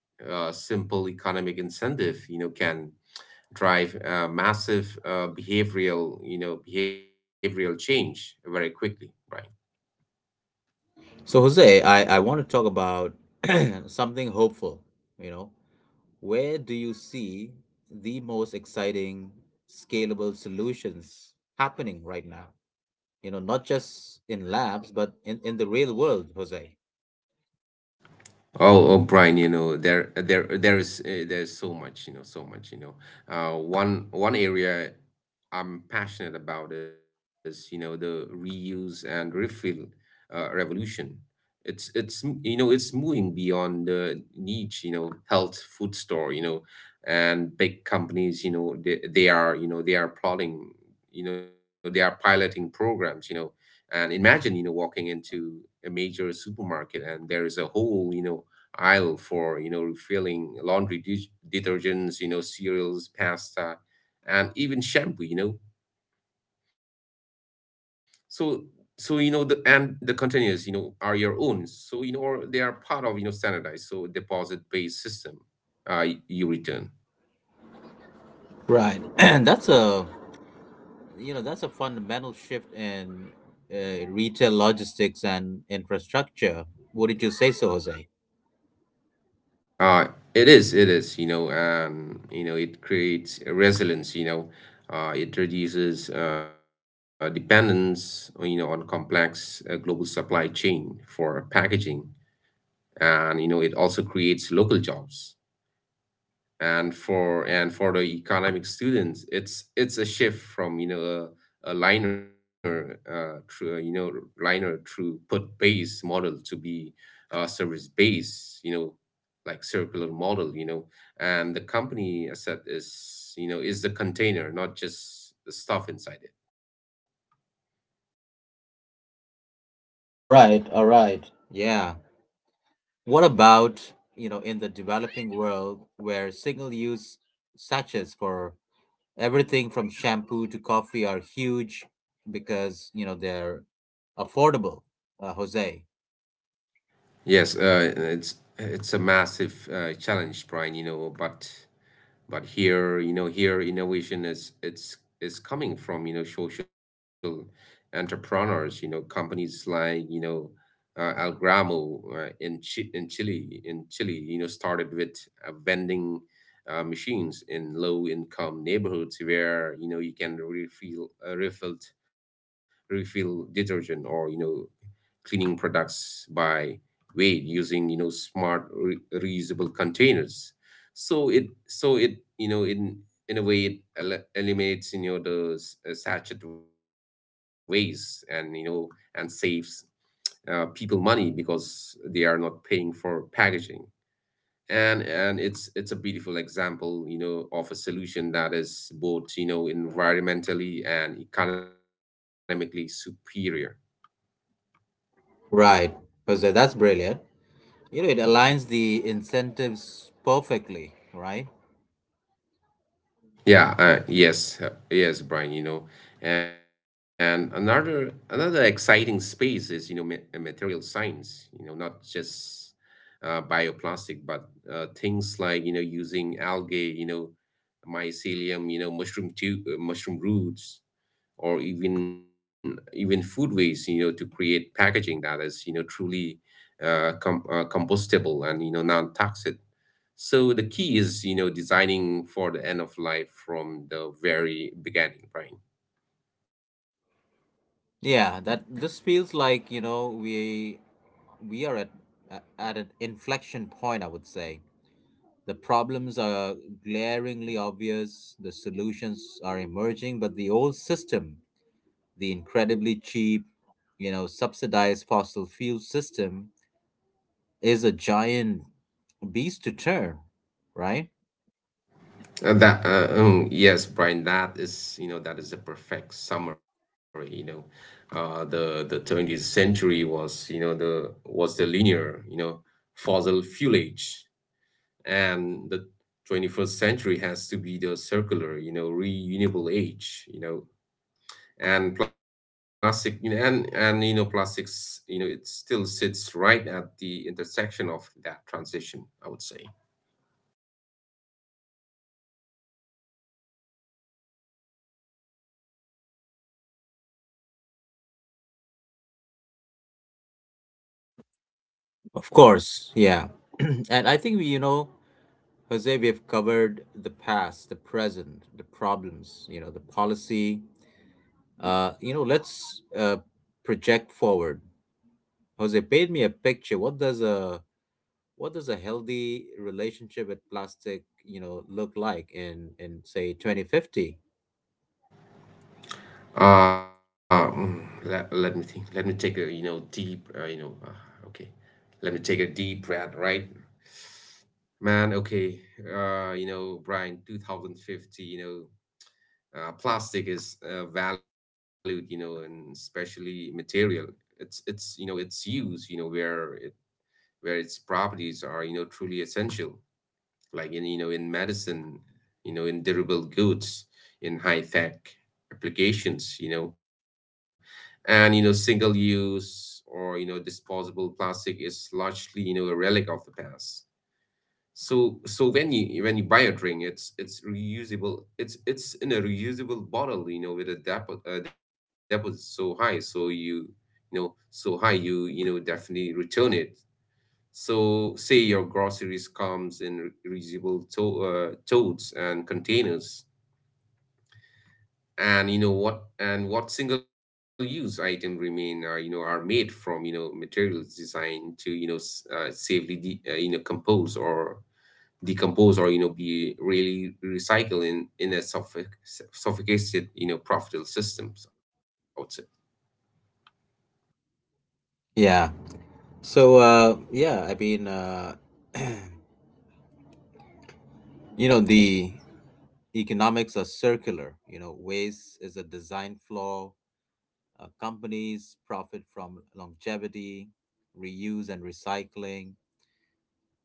uh, simple economic incentive, you know, can drive uh, massive uh, behavioral, you know, behavioral change very quickly, right? So, Jose, I, I want to talk about something hopeful, you know. Where do you see the most exciting scalable solutions happening right now? You know, not just in labs but in, in the real world, Jose. Oh, oh, Brian, you know, there, there, there is, uh, there's so much, you know, so much, you know. Uh, one, one area I'm passionate about is, you know, the reuse and refill, uh, revolution. It's, it's, m- you know, it's moving beyond the niche, you know, health food store, you know, and big companies, you know, they, they are, you know, they are plotting, you know, they are piloting programs, you know And imagine you know walking into a major supermarket, and there is a whole you know aisle for you know refilling laundry de- detergents, you know cereals, pasta, and even shampoo you know so so you know the and the containers you know are your own, so you know or they are part of you know standardized so deposit based system. Uh you return. Right. And that's a you know that's a fundamental shift in uh, retail logistics and infrastructure, wouldn't you say so, Jose? Uh, it is, it is, you know, um, you know, It creates a resilience, you know, uh, it reduces uh, dependence on, you know, on complex uh, global supply chain for packaging, and you know, it also creates local jobs. And for and for the economic students, it's it's a shift from you know a, a liner uh true you know liner through put based model to be uh service based, you know like circular model you know And the company asset is you know is the container, not just the stuff inside it. All right. All right. Yeah, what about you know in the developing world where single use sachets for everything from shampoo to coffee are huge because you know they're affordable, uh, Jose? Yes, uh it's it's a massive uh, challenge, Brian, you know but but here, you know here innovation is it's is coming from you know social entrepreneurs, you know companies like you know uh, Algramo uh, in Chi in Chile in Chile, you know started with uh, vending uh, machines in low income neighborhoods, where you know you can refill uh, refilled refill detergent or you know cleaning products by weight, using you know smart re- reusable containers. So it so it you know in in a way it el- eliminates you know the s- uh, sachet waste, and you know and saves uh, people money, because they are not paying for packaging, and and it's it's a beautiful example, you know of a solution that is both you know environmentally and economically superior. Right, Jose, that's brilliant. You know, it aligns the incentives perfectly, right? Yeah, uh, yes, uh, yes, Brian, you know, and another another exciting space is, you know, ma uh, material science, you know, not just uh, bioplastic, but uh, things like, you know, using algae, you know, mycelium, you know, mushroom tube, uh, mushroom roots, or even even food waste, you know, to create packaging that is, you know, truly uh, com uh, compostable and, you know, non-toxic. So the key is, you know, designing for the end of life from the very beginning, Brian. Yeah, that this feels like you know we we are at at at an inflection point. I would say the problems are glaringly obvious. The solutions are emerging, but the old system, the incredibly cheap, you know, subsidized fossil fuel system, is a giant beast to turn, right? Uh, that uh, um, Yes, Brian. That is, you know, that is a perfect summary. You know, uh, the the twentieth century was, you know, the was the linear, you know, fossil fuel age, and the twenty first century has to be the circular, you know, renewable age. You know, and plastic you know, and and you know plastics, you know it still sits right at the intersection of that transition, I would say. Of course, yeah. And I think we, you know, Jose, we have covered the past, the present, the problems, you know, the policy. Uh, you know, let's uh, project forward. Jose, paint me a picture. What does a what does a healthy relationship with plastic, you know, look like in in say twenty fifty? uh mm, let, Let me think, let me take a you know deep uh, you know uh, okay, let me take a deep breath, right? Man, okay. Uh you know brian, twenty fifty, you know uh, plastic is uh, valued, you know and especially material it's it's you know its use, you know where it where its properties are you know truly essential, like in you know in medicine, you know in durable goods, in high tech applications you know And you know single use or you know disposable plastic is largely, you know a relic of the past. So so when you when you buy a drink, it's it's reusable. It's it's in a reusable bottle, you know, with a depo uh, deposit so high, so you you know so high you you know definitely return it. So, say, your groceries comes in re- reusable to uh, totes and containers, and you know what and what single use item remain are, you know are made from you know materials designed to you know s- uh, safely de uh, you know compose, or decompose, or you know be really recycled in in a sophi- sophisticated, you know profitable systems, I would say. Yeah. So uh, yeah, I mean, uh, you know, the economics are circular. You know, waste is a design flaw. Uh, companies profit from longevity, reuse and recycling.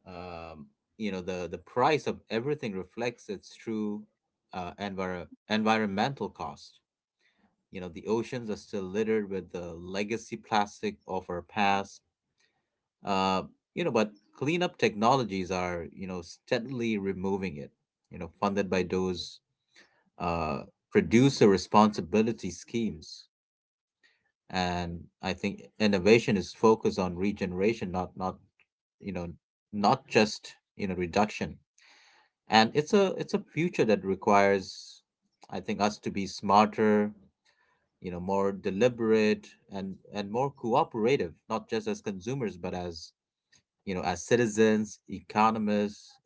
Um, you know, the, the price of everything reflects its true uh, enviro- environmental cost. You know, the oceans are still littered with the legacy plastic of our past. Uh, you know, but cleanup technologies are, you know, steadily removing it, you know, funded by those uh, producer responsibility schemes. And I think innovation is focused on regeneration, not not you know not just you know reduction. And it's a it's a future that requires I think us to be smarter, you know, more deliberate and and more cooperative, not just as consumers but as you know as citizens, economists,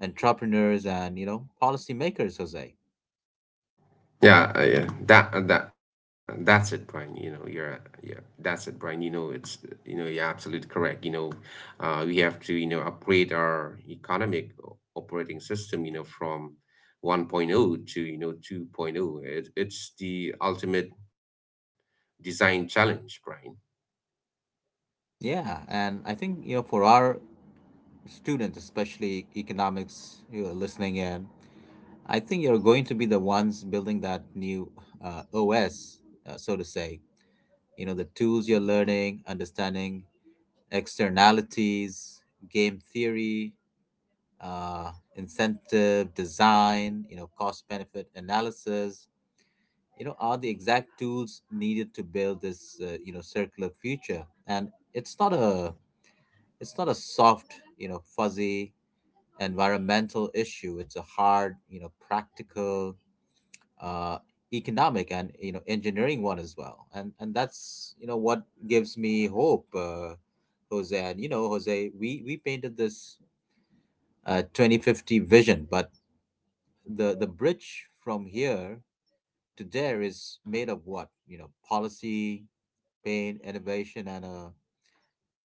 entrepreneurs and you know policymakers, Jose. Yeah, uh, yeah that uh, that that's it, Brian, you know you're yeah, that's it, Brian. You know it's you know you're absolutely correct, you know uh we have to you know upgrade our economic o- operating system, you know from 1.0 to you know 2.0. it, it's the ultimate design challenge, Brian. Yeah, and I think you know for our students, especially economics, you know, listening in, I think you're going to be the ones building that new uh, O S, uh, so to say. You know, the tools you're learning, understanding externalities, game theory, uh, incentive design, you know, cost benefit analysis, you know, are the exact tools needed to build this, uh, you know, circular future. And it's not a, it's not a soft, you know, fuzzy environmental issue. It's a hard, you know, practical, uh, economic and you know engineering one as well. and and that's you know what gives me hope, uh, Jose. And you know, Jose, we we painted this uh, twenty fifty vision, but the the bridge from here to there is made of what, you know? Policy, pain, innovation and a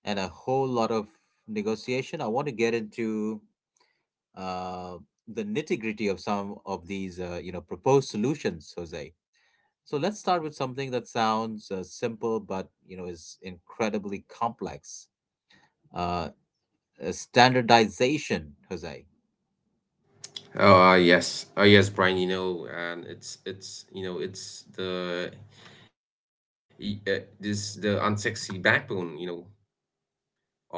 and a whole lot of negotiation. I want to get into uh, the nitty gritty of some of these, uh, you know, proposed solutions, Jose. So let's start with something that sounds, uh, simple, but you know is incredibly complex. Uh, uh, standardization, Jose. Oh, uh, yes. Oh, yes, Brian, you know, and it's it's you know, it's the e- uh, this the unsexy backbone, you know,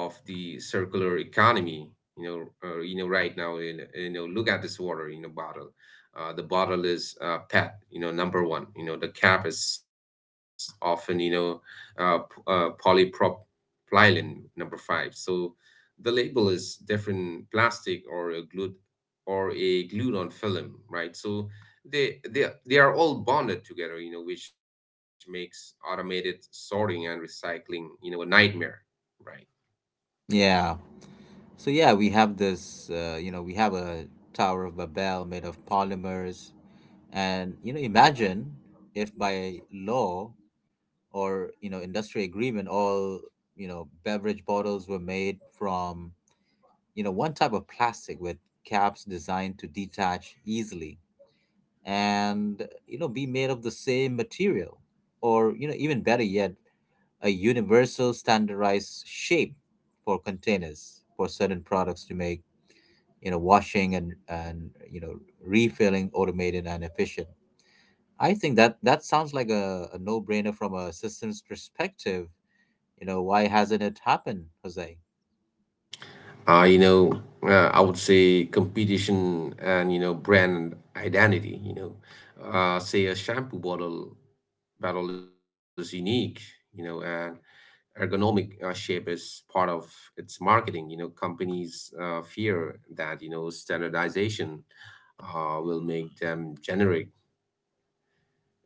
of the circular economy. You know, uh, you know, right now, you know, you know, look at this water, you know, bottle. Uh, the bottle is uh, P E T, you know, number one. You know, the cap is often, you know, uh, p- uh, polypropylene, Phylum number five. So the label is different plastic, or a glued or a glued on film, right? So they they they are all bonded together, you know, which makes automated sorting and recycling, you know, a nightmare, right? Yeah. So yeah, we have this. Uh, you know, we have a Tower of Babel made of polymers, and you know, imagine if by law or you know industry agreement, all you know beverage bottles were made from you know one type of plastic with caps designed to detach easily and, you know, be made of the same material or, you know, even better yet, a universal standardized shape for containers for certain products to make, you know, washing and, and you know, refilling automated and efficient. I think that that sounds like a, a no-brainer from a systems perspective. You know, why hasn't it happened, Jose? Uh, you know, uh, I would say competition and you know brand identity. You know, uh, say a shampoo bottle battle is unique, you know, and ergonomic uh, shape is part of its marketing. You know, companies uh, fear that you know standardization uh, will make them generic,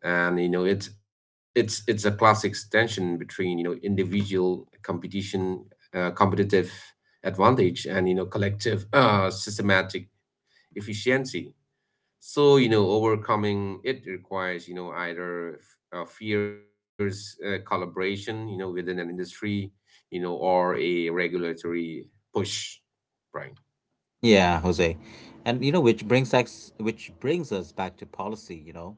and you know it's it's it's a classic tension between you know individual competition, uh, competitive advantage, and you know collective uh, systematic efficiency. So, you know, overcoming it requires, you know, either f- a fierce uh, collaboration, you know, within an industry, you know, or a regulatory push, right? Yeah, Jose. And you know, which brings us which brings us back to policy, you know.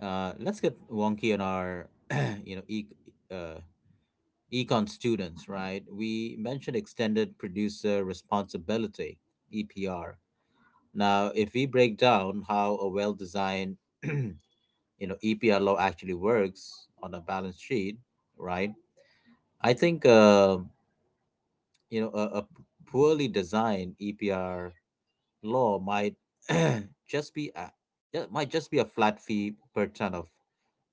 Uh, let's get wonky on our you know, e- uh, econ students, right? We mentioned extended producer responsibility, E P R. Now, if we break down how a well-designed, you know, E P R law actually works on a balance sheet, right? I think uh, you know, a, a poorly designed E P R law might just be a that might just be a flat fee per ton of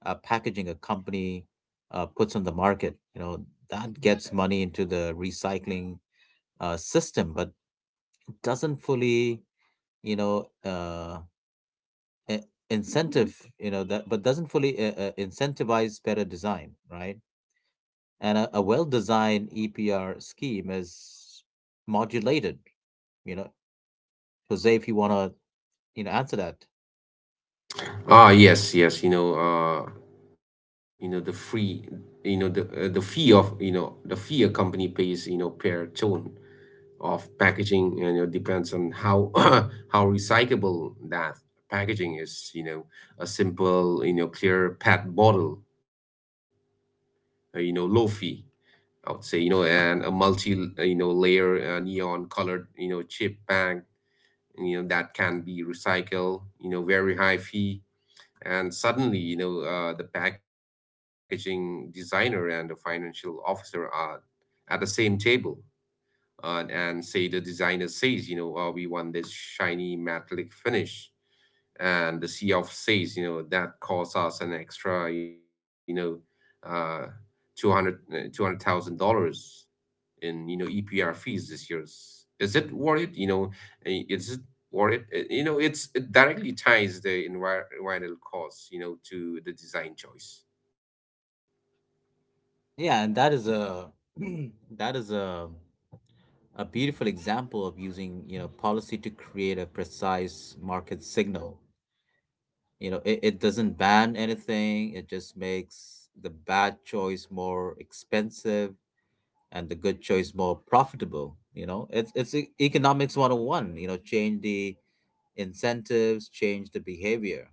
uh, packaging a company uh, puts on the market. You know that gets money into the recycling uh, system, but doesn't fully you know uh, I- incentive you know that but doesn't fully uh, uh, incentivize better design, right? And a, a well-designed E P R scheme is modulated. You know, Jose, if you want to you know answer that. Ah, yes, yes, you know, uh, you know, the free, you know, the uh, the fee of, you know, the fee a company pays, you know, per ton of packaging, and you know, depends on how how recyclable that packaging is, you know, a simple, you know, clear P E T bottle, uh, you know, low fee, I would say, you know, and a multi, uh, you know, layer uh, neon colored, you know, chip bag, you know, that can be recycled, you know, very high fee. And suddenly, you know, uh, the packaging designer and the financial officer are at the same table. Uh, and say the designer says, you know, uh, we want this shiny metallic finish. And the C F says, you know, that costs us an extra, you know, uh, two hundred uh, two hundred thousand dollars in you know E P R fees this year. Is, is it worth it? You know, eh, is it worth it? Eh, You know, it's it directly ties the envir- environmental costs, you know, to the design choice. Yeah, and that is a that is a a beautiful example of using, you know, policy to create a precise market signal. You know, it, it doesn't ban anything, it just makes the bad choice more expensive and the good choice more profitable. You know, it's it's e- economics one oh one, you know, change the incentives, change the behavior.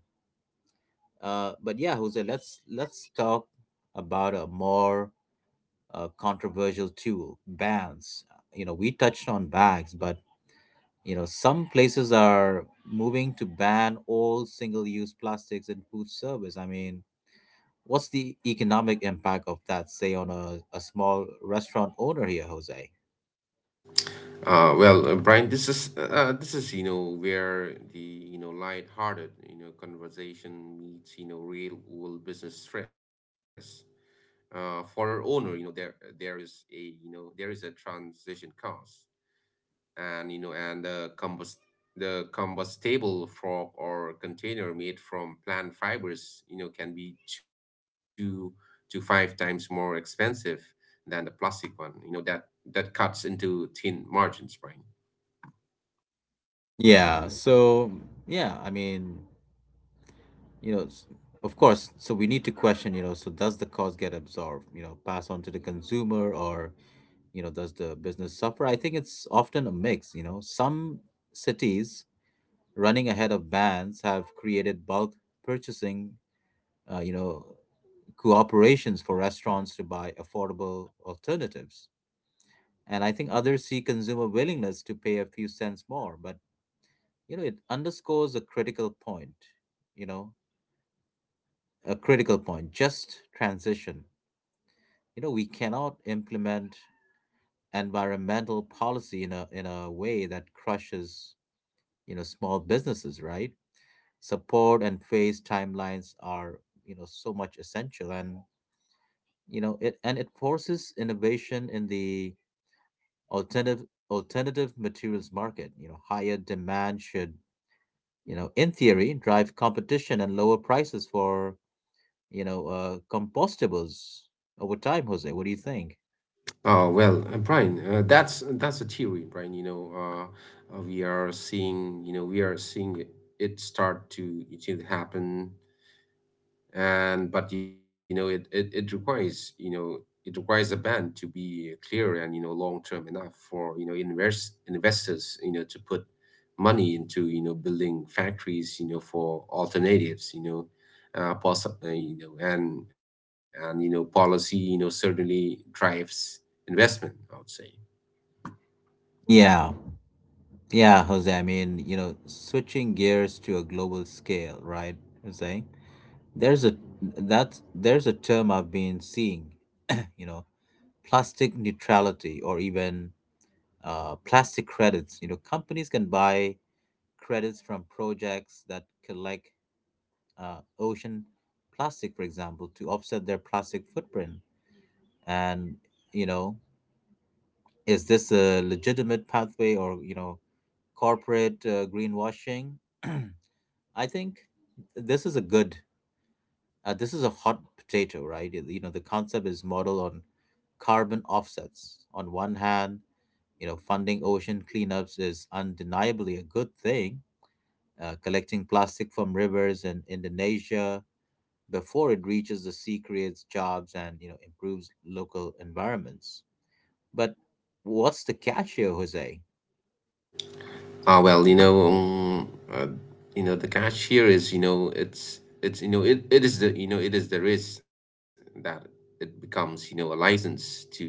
Uh, but yeah, Jose, let's let's talk about a more, uh, controversial tool, bans. You know, we touched on bags, but you know some places are moving to ban all single use plastics in food service. I mean, what's the economic impact of that, say on a, a small restaurant owner here, Jose? Uh, well, uh, Brian, this is uh, this is you know where the you know light-hearted you know conversation meets you know real world business stress. Uh, for our owner, you know, there there is a you know there is a transition cost, and you know, and the compost the combustible frog or container made from plant fibers, you know, can be two to five times more expensive than the plastic one. You know that that cuts into thin margins, Brian. Yeah, so yeah, I mean, you know, s- of course, so we need to question, you know, so does the cost get absorbed, you know, passed on to the consumer, or you know does the business suffer? I think it's often a mix. You know, some cities running ahead of bans have created bulk purchasing, uh, you know, cooperations for restaurants to buy affordable alternatives. And I think others see consumer willingness to pay a few cents more. But you know, it underscores a critical point, you know, a critical point, just transition. You know, we cannot implement environmental policy in a in a way that crushes you know small businesses, right? Support and phase timelines are you know so much essential. And you know, it and it forces innovation in the alternative alternative materials market. You know, higher demand should you know in theory drive competition and lower prices for you know, uh, compostables over time. Jose, what do you think? Oh, well, uh, Brian, uh, that's that's a theory, Brian. You know, uh, uh, we are seeing, you know, we are seeing it, it start to it to happen. And but you know it, it it requires you know it requires a ban to be clear, and you know long term enough for you know invest investors you know to put money into you know building factories you know for alternatives. you know uh, poss- uh, you know and and you know policy you know certainly drives investment, I would say. Yeah yeah Jose, I mean, you know, switching gears to a global scale, right, Jose? There's a that there's a term I've been seeing, you know, plastic neutrality or even, uh, plastic credits. You know, companies can buy credits from projects that collect, uh, ocean plastic, for example, to offset their plastic footprint. And you know, is this a legitimate pathway or you know corporate, uh, greenwashing? I think this is a good. Uh, this is a hot potato, right? You you know, the concept is modeled on carbon offsets. On one hand, you know, funding ocean cleanups is undeniably a good thing. Uh, collecting plastic from rivers in Indonesia before it reaches the sea creates jobs and you know improves local environments. But what's the catch here, Jose? Ah, well, you know, um, uh, you know, the catch here is, you know, it's it's you know, it, it is the you know, it is the risk that it becomes, you know, a license to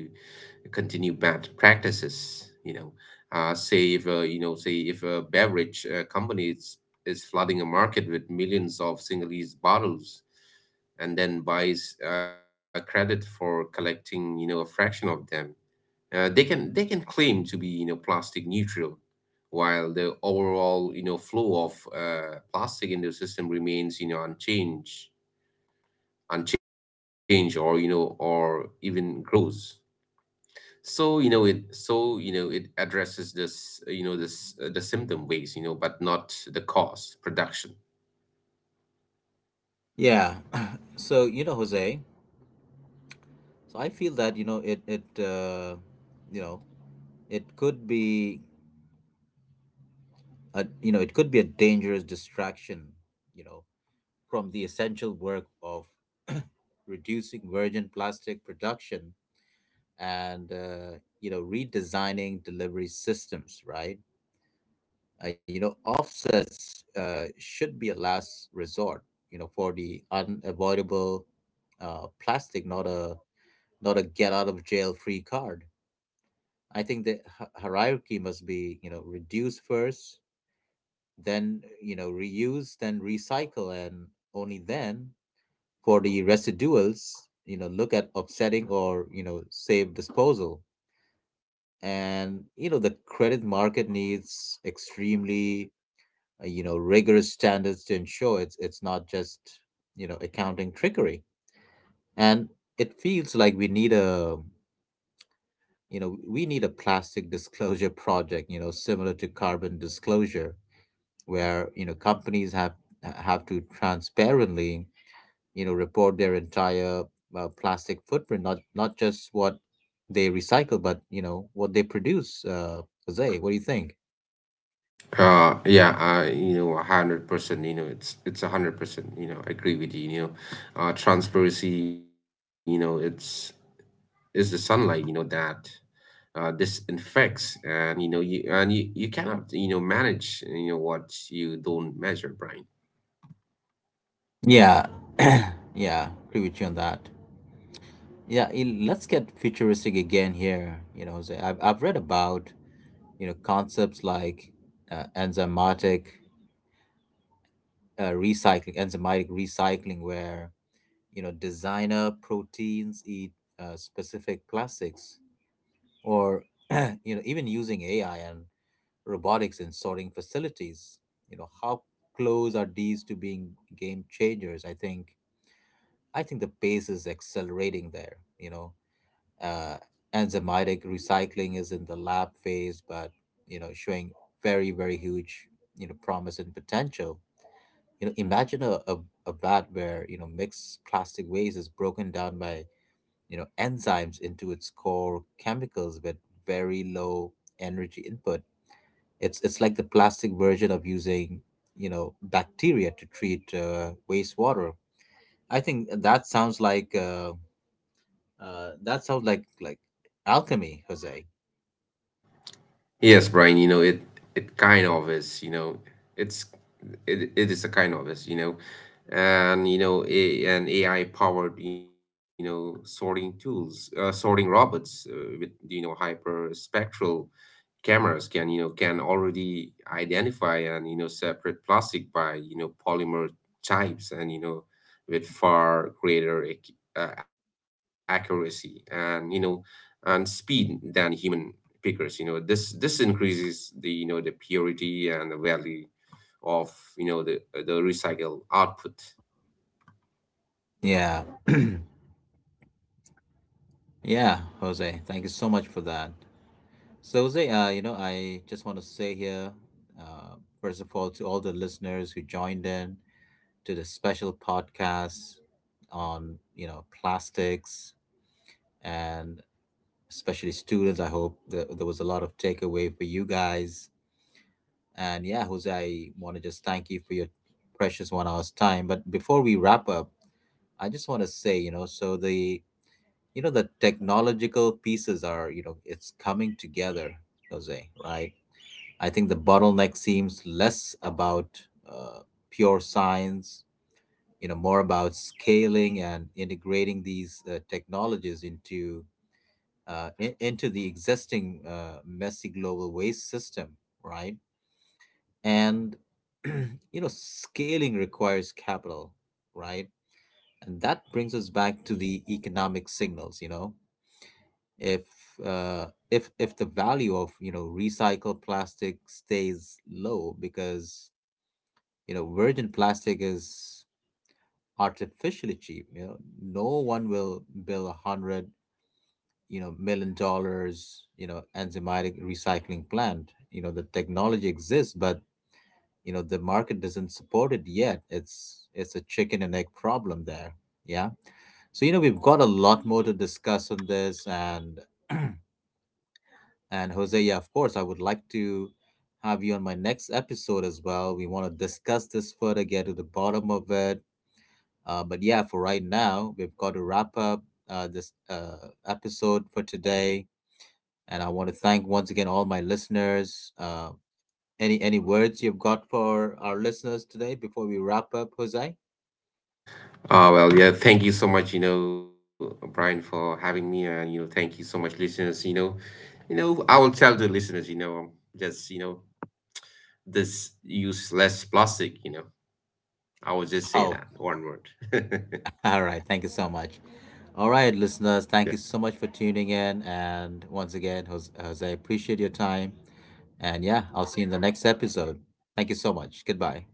continue bad practices. You know, uh, say if uh, you know, say if a beverage uh, company is, is flooding a market with millions of single-use bottles, and then buys uh, credit for collecting, you know, a fraction of them. Uh, they can they can claim to be you know plastic neutral while the overall you know flow of uh, plastic in the system remains you know unchanged unchanged, or you know or even grows. So you know it so you know it addresses this, you know this uh, the symptom waste, you know but not the cost production. Yeah. So you know, Jose. So I feel that you know it it uh, you know it could be a, you know it could be a dangerous distraction you know from the essential work of reducing virgin plastic production, and uh, you know redesigning delivery systems, right. uh, you know offsets uh, should be a last resort you know for the unavoidable uh, plastic, not a, not a get out of jail free card. I think the hi- hierarchy must be you know reduced first, then you know reuse, then recycle, and only then for the residuals you know look at offsetting or you know save disposal. And you know the credit market needs extremely uh, you know rigorous standards to ensure it's it's not just you know accounting trickery. And it feels like we need a you know we need a plastic disclosure project, you know similar to carbon disclosure, where you know companies have have to transparently you know report their entire uh, plastic footprint, not not just what they recycle, but you know what they produce. Uh jose, what do you think? Uh yeah uh you know a hundred percent. You know it's it's a hundred percent. you know I agree with you. You know uh transparency, you know it's is the sunlight you know that uh, disinfects, and you know you and you, you cannot you know manage you know what you don't measure, Brian. Yeah. Yeah, agree with you on that. Yeah, il- let's get futuristic again here, you know Jose. i've, I've read about you know concepts like uh, enzymatic uh, recycling enzymatic recycling, where you know designer proteins eat uh, specific plastics, or you know even using AI and robotics in sorting facilities. You know, how close are these to being game changers? I think I think the pace is accelerating there. You know, uh, enzymatic recycling is in the lab phase, but you know, showing very very huge you know promise and potential. You know, imagine a, a, a vat where you know mixed plastic waste is broken down by you know enzymes into its core chemicals with very low energy input. It's it's like the plastic version of using, you know, bacteria to treat uh, wastewater. I think that sounds like uh, uh, that sounds like like alchemy, Jose. Yes, Brian, you know it it kind of is. You know it's it, it is a kind of is. You know and you know a, an A I powered you know sorting tools, uh, sorting robots, uh, with you know hyperspectral cameras can you know can already identify and you know separate plastic by you know polymer types, and you know with far greater ac- uh, accuracy and you know and speed than human pickers. You know this this increases the you know the purity and the value of you know the the recycled output. Yeah, yeah, Jose, thank you so much for that. So Jose, uh, you know, I just want to say here, uh, first of all, to all the listeners who joined in to the special podcast on you know plastics, and especially students. I hope that there was a lot of takeaway for you guys. And yeah, Jose, I want to just thank you for your precious one hour's time. But before we wrap up, I just want to say, you know, so the you know the technological pieces are, you know, it's coming together, Jose, right? I think the bottleneck seems less about uh, pure science, you know, more about scaling and integrating these uh, technologies into uh, in, into the existing uh, messy global waste system, right? And you know, scaling requires capital, right? And that brings us back to the economic signals. You know, if uh, if if the value of you know recycled plastic stays low because you know virgin plastic is artificially cheap, you know, no one will bill a hundred you know million dollars you know enzymatic recycling plant. You know the technology exists, but you know the market doesn't support it yet. It's it's a chicken and egg problem there. Yeah. So you know we've got a lot more to discuss on this. And and Jose, yeah, of course, I would like to have you on my next episode as well. We want to discuss this further, get to the bottom of it. uh, but yeah, for right now we've got to wrap up uh, this uh, episode for today. And I want to thank once again all my listeners. Uh, any any words you've got for our listeners today before we wrap up, Jose? Ah, well, yeah, thank you so much, you know, Brian, for having me. And, you know, thank you so much, listeners. You know, you know, I will tell the listeners, you know, um, just, you know, this, use less plastic, you know. I will just say Oh, that one word. all right, thank you so much. All right, listeners, thank you so much for tuning in. And once again, Jos- Jose, appreciate your time. And yeah, I'll see you in the next episode. Thank you so much. Goodbye.